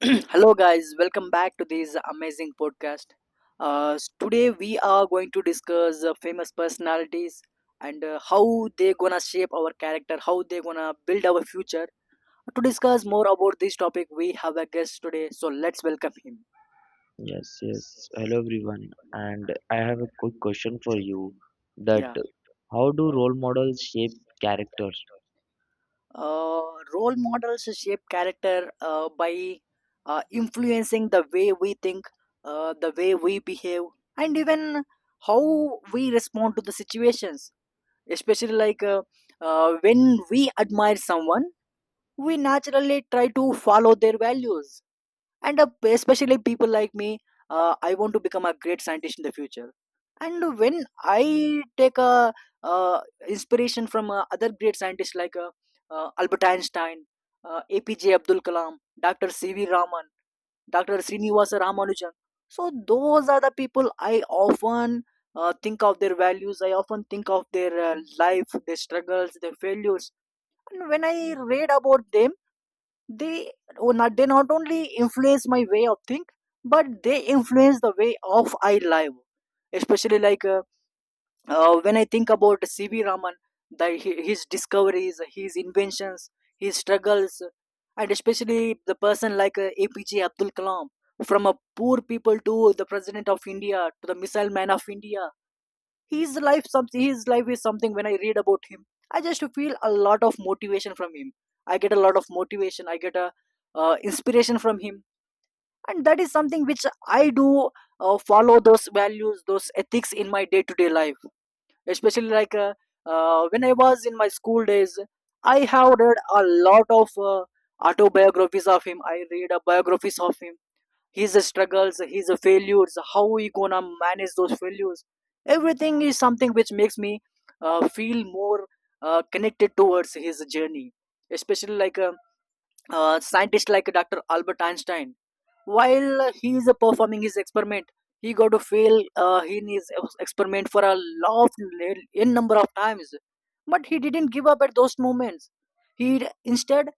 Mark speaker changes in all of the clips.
Speaker 1: Hello, guys. Welcome back to this amazing podcast. Today, we are going to discuss famous personalities and how they gonna shape our character, how they gonna build our future. To discuss more about this topic, we have a guest today, so let's welcome him.
Speaker 2: Yes. Hello everyone, and I have a quick question for you that
Speaker 1: Yeah.
Speaker 2: how do role models shape character?
Speaker 1: Uh, Role models shape character by influencing the way we think, the way we behave, and even how we respond to the situations especially like when we admire someone we naturally try to follow their values and especially people like me, I want to become a great scientist in the future and when I take a uh, inspiration from other great scientists like albert einstein, apj abdul kalam, dr cv raman, Dr. Srinivasa Ramanujan. So those are the people I often think of their values. I often think of their life, their struggles, their failures. And when I read about them, they not only influence my way of think but they influence the way of I live especially like when I think about cv raman his discoveries, his inventions, his struggles, and especially the person like apj abdul kalam, from a poor people to the president of india to the missile man of india. His life is something when I read about him I just feel a lot of motivation from him, I get a lot of motivation, I get a inspiration from him, and that is something which I do follow those values, those ethics in my day to day life, especially like when I was in my school days I have read a lot of autobiographies of him, I read biographies of him, his struggles, his failures, how he gonna manage those failures. Everything is something which makes me feel more connected towards his journey, especially like scientists like Dr. Albert Einstein. While he is performing his experiment, he got to fail in his experiment for a lot of n number of times, but he didn't give up at those moments. He instead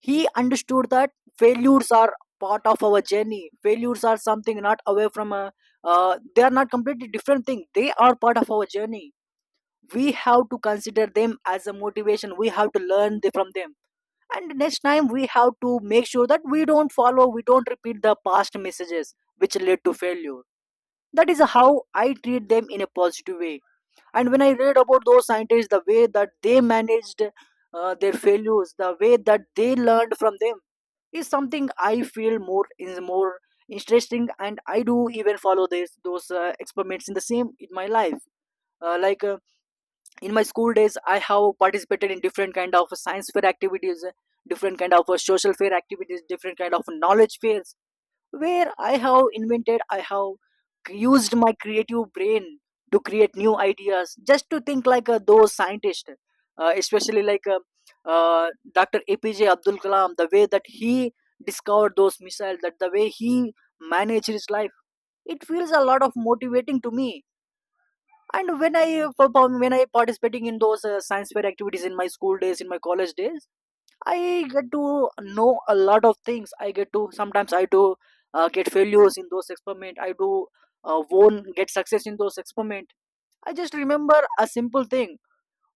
Speaker 1: he understood that failures are part of our journey. Failures are something not away from a. They are not completely different thing. They are part of our journey. We have to consider them as a motivation. We have to from them and next time we have to make sure that we don't repeat the past messages which led to failure. That is how I treat them in a positive way, and when I read about those scientists, the way that they managed their failures, the way that they learned from them is something I feel more is more interesting, and I do even follow this those experiments in the same in my life. Like in my school days I have participated in different kind of science fair activities, different kind of social fair activities, different kind of knowledge fairs, where I have invented, I have used my creative brain to create new ideas just to think like those scientists, especially uh, dr apj abdul kalam, the way that he discovered those missiles, that the way he managed his life, it feels a lot of motivating to me. And when I perform, when I participating in those science fair activities in my school days, in my college days, I get to know a lot of things, I get to sometimes I do get failures in those experiment, I do won get success in those experiment. I just remember a simple thing: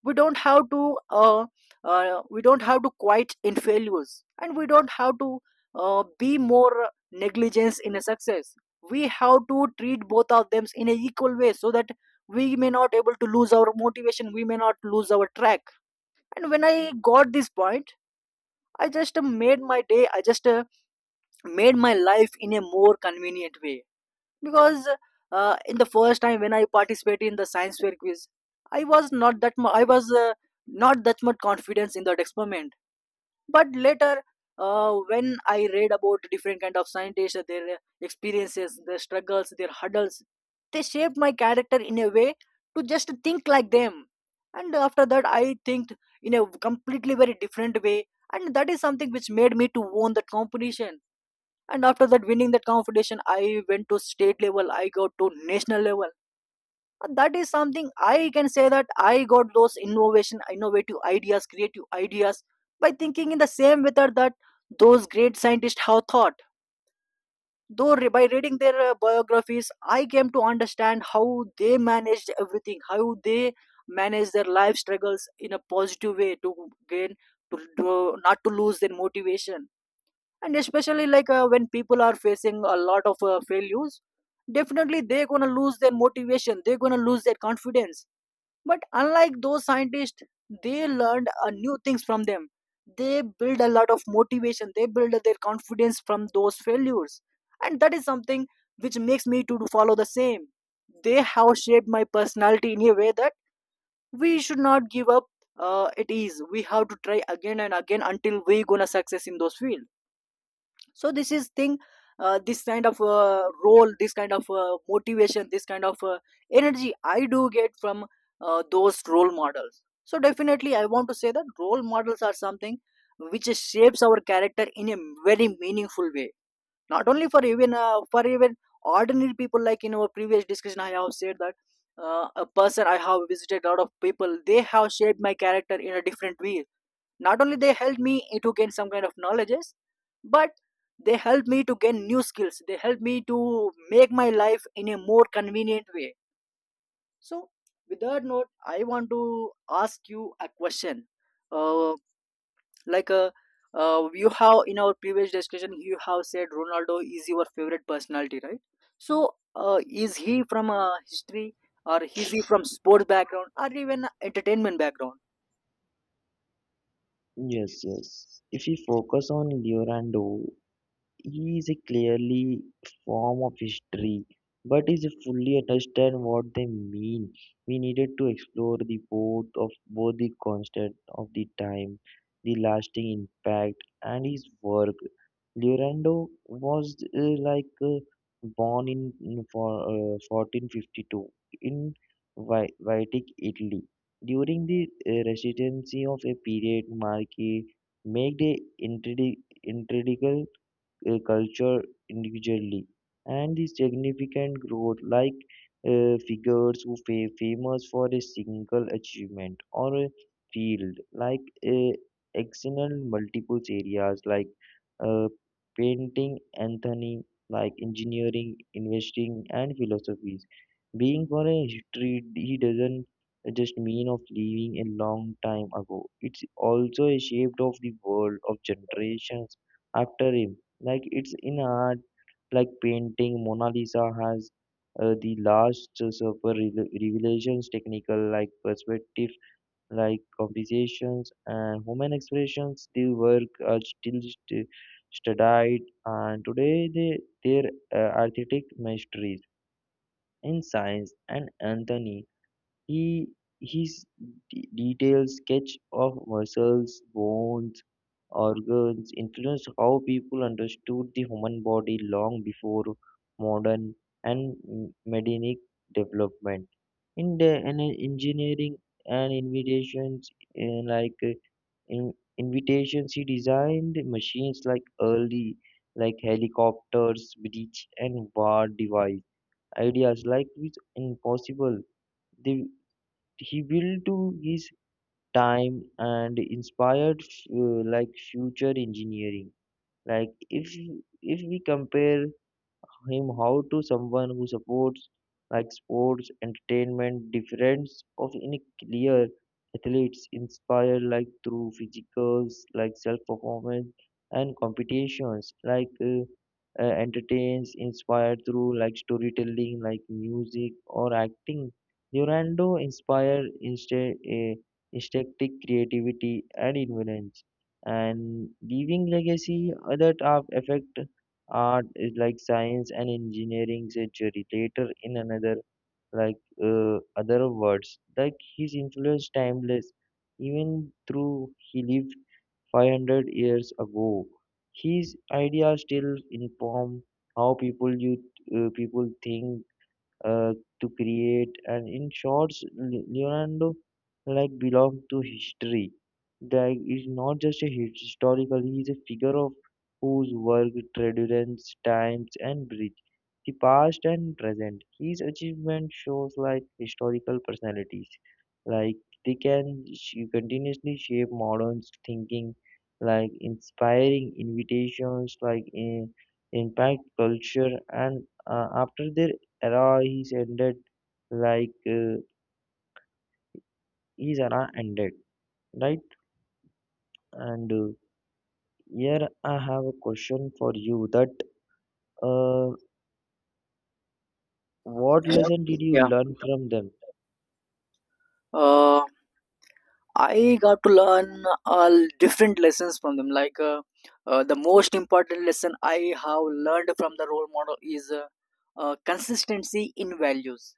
Speaker 1: we don't have to uh, we don't have to quite in failures, and we don't have to be more negligence in a success. We have to treat both of them in a equal way so that we may not able to lose our motivation, we may not lose our track. And when I got this point I just made my day, I just made my life in a more convenient way, because in the first time when I participated in the science fair quiz, I was not that mu- I was not that much confidence in that experiment. But later, when I read about different kind of scientists, their experiences, their struggles, their hurdles, they shaped my character in a way to just think like them. And after that, I think in a completely very different way, and that is something which made me to won that competition. And after that, winning that competition, I went to state level, I got to national level. And that is something I can say that I got those innovation innovative ideas, creative ideas by thinking in the same method that those great scientists have thought. By reading their biographies I came to understand how they managed everything, how they manage their life struggles in a positive way, to gain to not to lose their motivation. And especially like when people are facing a lot of failures, definitely they're gonna lose their motivation, they're gonna lose their confidence. But unlike those scientists, they learned new things from them, they build a lot of motivation, they build their confidence from those failures, and that is something which makes me follow the same. They have shaped my personality in a way that we should not give up. It is We have to try again and again until we gonna success in those fields. So this is thing, this kind of role, this kind of motivation, this kind of energy I do get from those role models. So definitely I want to say that role models are something which shapes our character in a very meaningful way, not only for even ordinary people. Like in our previous discussion I have said that, a person I have visited a lot of people, they have shaped my character in a different way. Not only they helped me to gain some kind of knowledges, but they helped me to gain new skills, they helped me to make my life in a more convenient way. So with that note I want to ask you a question. Uh, like uh, uh, you have in our previous discussion you have said ronaldo is your favorite personality, right? So is he from a history, or is he from sports background, or even entertainment background?
Speaker 2: Yes, yes. If we focus on Leonardo, he is a clearly form of history, but is fully understand what they mean. We needed to explore the both of both the constant of the time, the lasting impact, and his work. Leonardo was born in 1452 in Vitic, Italy. During the residency of a period, Marquis made a intradi- intriguing culture individually and the significant growth like figures who fa famous for a single achievement or a field like uh, excel in multiple areas like uh, painting, anthony, like engineering, investing, and philosophies. Being for a history, he doesn't just mean of living a long time ago. It's also a shape of the world of generations after him, like it's in art, like painting. Mona Lisa has the last supper revelations, technical like perspective, like conversations and human expressions. The work are still studied, and today they their artistic masteries in science and anthony. He his detailed sketch of muscles, bones, organs influenced how people understood the human body long before modern and medinic development. In the in engineering and invitations, uh, like uh, in invitations, he designed machines like early, like helicopters, bridge, and war device. Ideas like which impossible. They he will do his time and inspired like future engineering, like if we compare him how to someone who supports like sports, entertainment, difference of any clear athletes inspired like through physicals, like self performance and competitions, like entertains inspired through like storytelling, like music or acting. Leonardo inspired instead instinctive creativity and influence and leaving legacy that have effect art is like science and engineering century later in another, like other words, like his influence timeless. Even though he lived 500 years ago, his ideas still inform how people you people think uh, to create. And in shorts, Leonardo like belong to history. Like is not just a historical; he is a figure of whose work transcends times and bridge the past and present. His achievement shows like historical personalities, like they can continuously shape modern thinking, like inspiring invitations, like in, impact culture, and after their era he's ended, like his era ended, right? And here I have a question for you that uh, what lesson did you
Speaker 1: Yeah.
Speaker 2: learn from them?
Speaker 1: uh, I got to learn all different lessons from them. Like the most important lesson I have learned from the role model is consistency in values.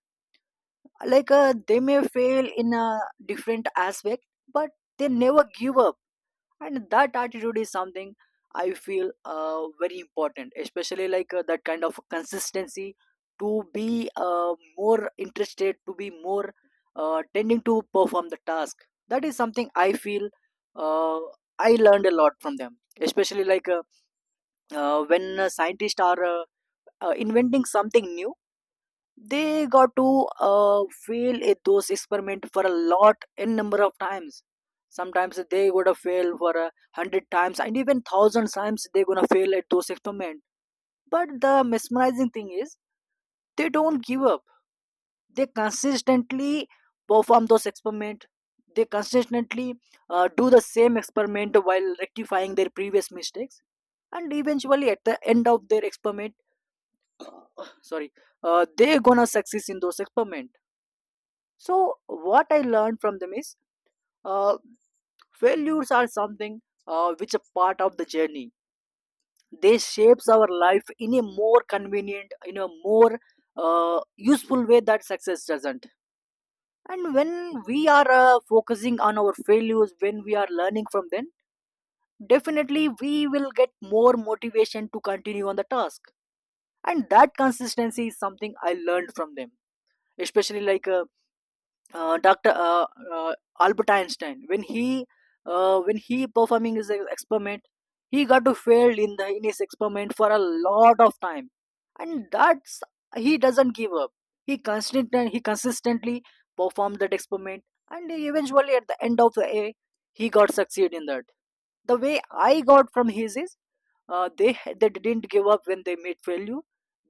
Speaker 1: Like they may fail in a different aspect, but they never give up, and that attitude is something I feel very important, especially like that kind of consistency to be more interested, to be more tending to perform the task. That is something I feel uh, I learned a lot from them, especially like when scientists are inventing something new, they got to fail at those experiment for a lot in number of times. Sometimes they gonna fail for a hundred times and even thousand times they gonna fail at those experiment. But the mesmerizing thing is they don't give up. They consistently perform those experiment. They consistently do the same experiment while rectifying their previous mistakes, and eventually at the end of their experiment sorry, they're gonna success in those experiment. So what I learned from them is uh, failures are something which a part of the journey. They shapes our life in a more convenient, in a more useful way that success doesn't. And when we are focusing on our failures, when we are learning from them, definitely we will get more motivation to continue on the task. And that consistency is something I learned from them. Especially like Dr. Albert Einstein, when he performing his experiment, he got to failed in the in his experiment for a lot of time, and that's he doesn't give up. He consistently performed that experiment, and eventually at the end of the day, he got succeed in that. The way I got from his is they didn't give up when they made failure.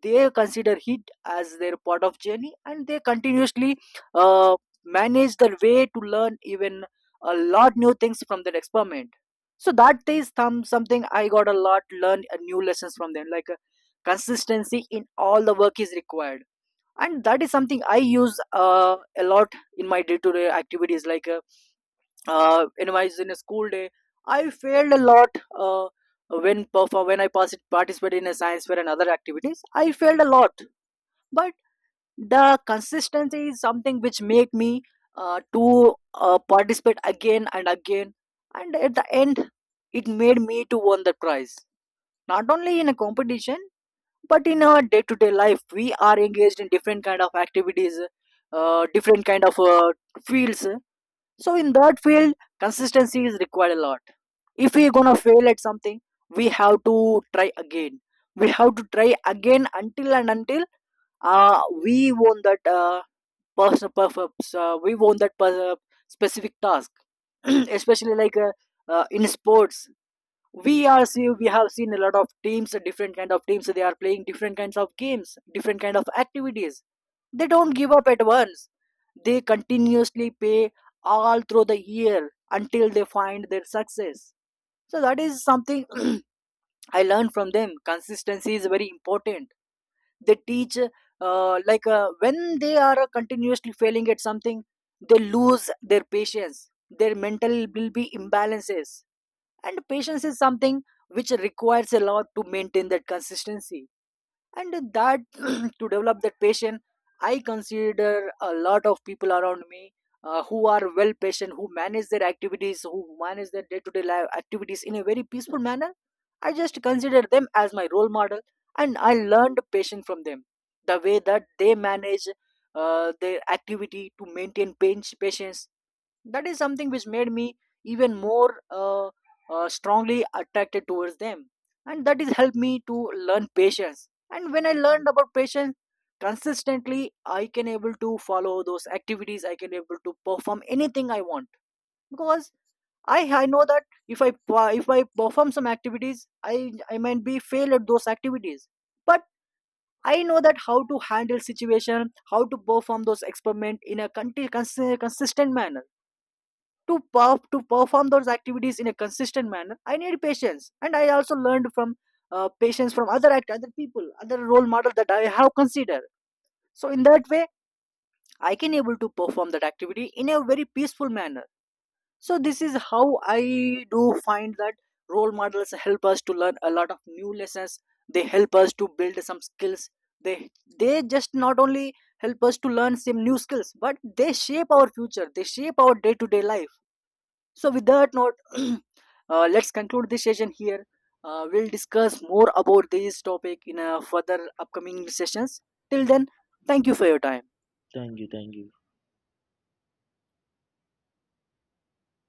Speaker 1: They consider it as their part of journey, and they continuously uh, manage their way to learn even a lot new things from that experiment. So that is something I got a lot learn new lessons from them, like consistency in all the work is required. And that is something I use a lot in my day-to-day activities, like when I in a school day I failed a lot. uh, when I participated in a science fair and other activities I failed a lot, but the consistency is something which make me to participate again and again, and at the end it made me to won the prize. Not only in a competition, but in our day-to-day life we are engaged in different kind of activities, different kind of fields. So in that field, consistency is required a lot. If we're gonna fail at something, we have to try again. We have to try again until and until we won that we won that specific task. Especially like in sports, we have seen a lot of teams, different kind of teams, they are playing different kinds of games, different kind of activities. They don't give up at once, they continuously pay all through the year until they find their success. So that is something I learned from them: consistency is very important. They teach like when they are continuously failing at something, they lose their patience, their mental will be imbalances. And patience is something which requires a lot to maintain that consistency. And that to develop that patient, I consider a lot of people around me who are well patient, who manage their activities, who manage their day-to-day life activities in a very peaceful manner. I just consider them as my role model, and I learned patience from them. The way that they manage their activity to maintain patience, that is something which made me even more strongly attracted towards them, and that is helped me to learn patience. And when I learned about patience consistently, I can able to follow those activities, I can able to perform anything I want, because i know that if I if I perform some activities I I might be fail at those activities, but I know that how to handle situation, how to perform those experiment in a consistent manner. To, to perform those activities in a consistent manner, I need patience, and I also learned from patience from other people, other role model that I have considered. So in that way I can able to perform that activity in a very peaceful manner. So this is how I do find that role models help us to learn a lot of new lessons, they help us to build some skills, they they just not only help us to learn some new skills, but they shape our future, they shape our day to day life. So, with that note, let's conclude this session here. We'll discuss more about this topic in further upcoming sessions. Till then, thank you for your time.
Speaker 2: Thank you, thank you.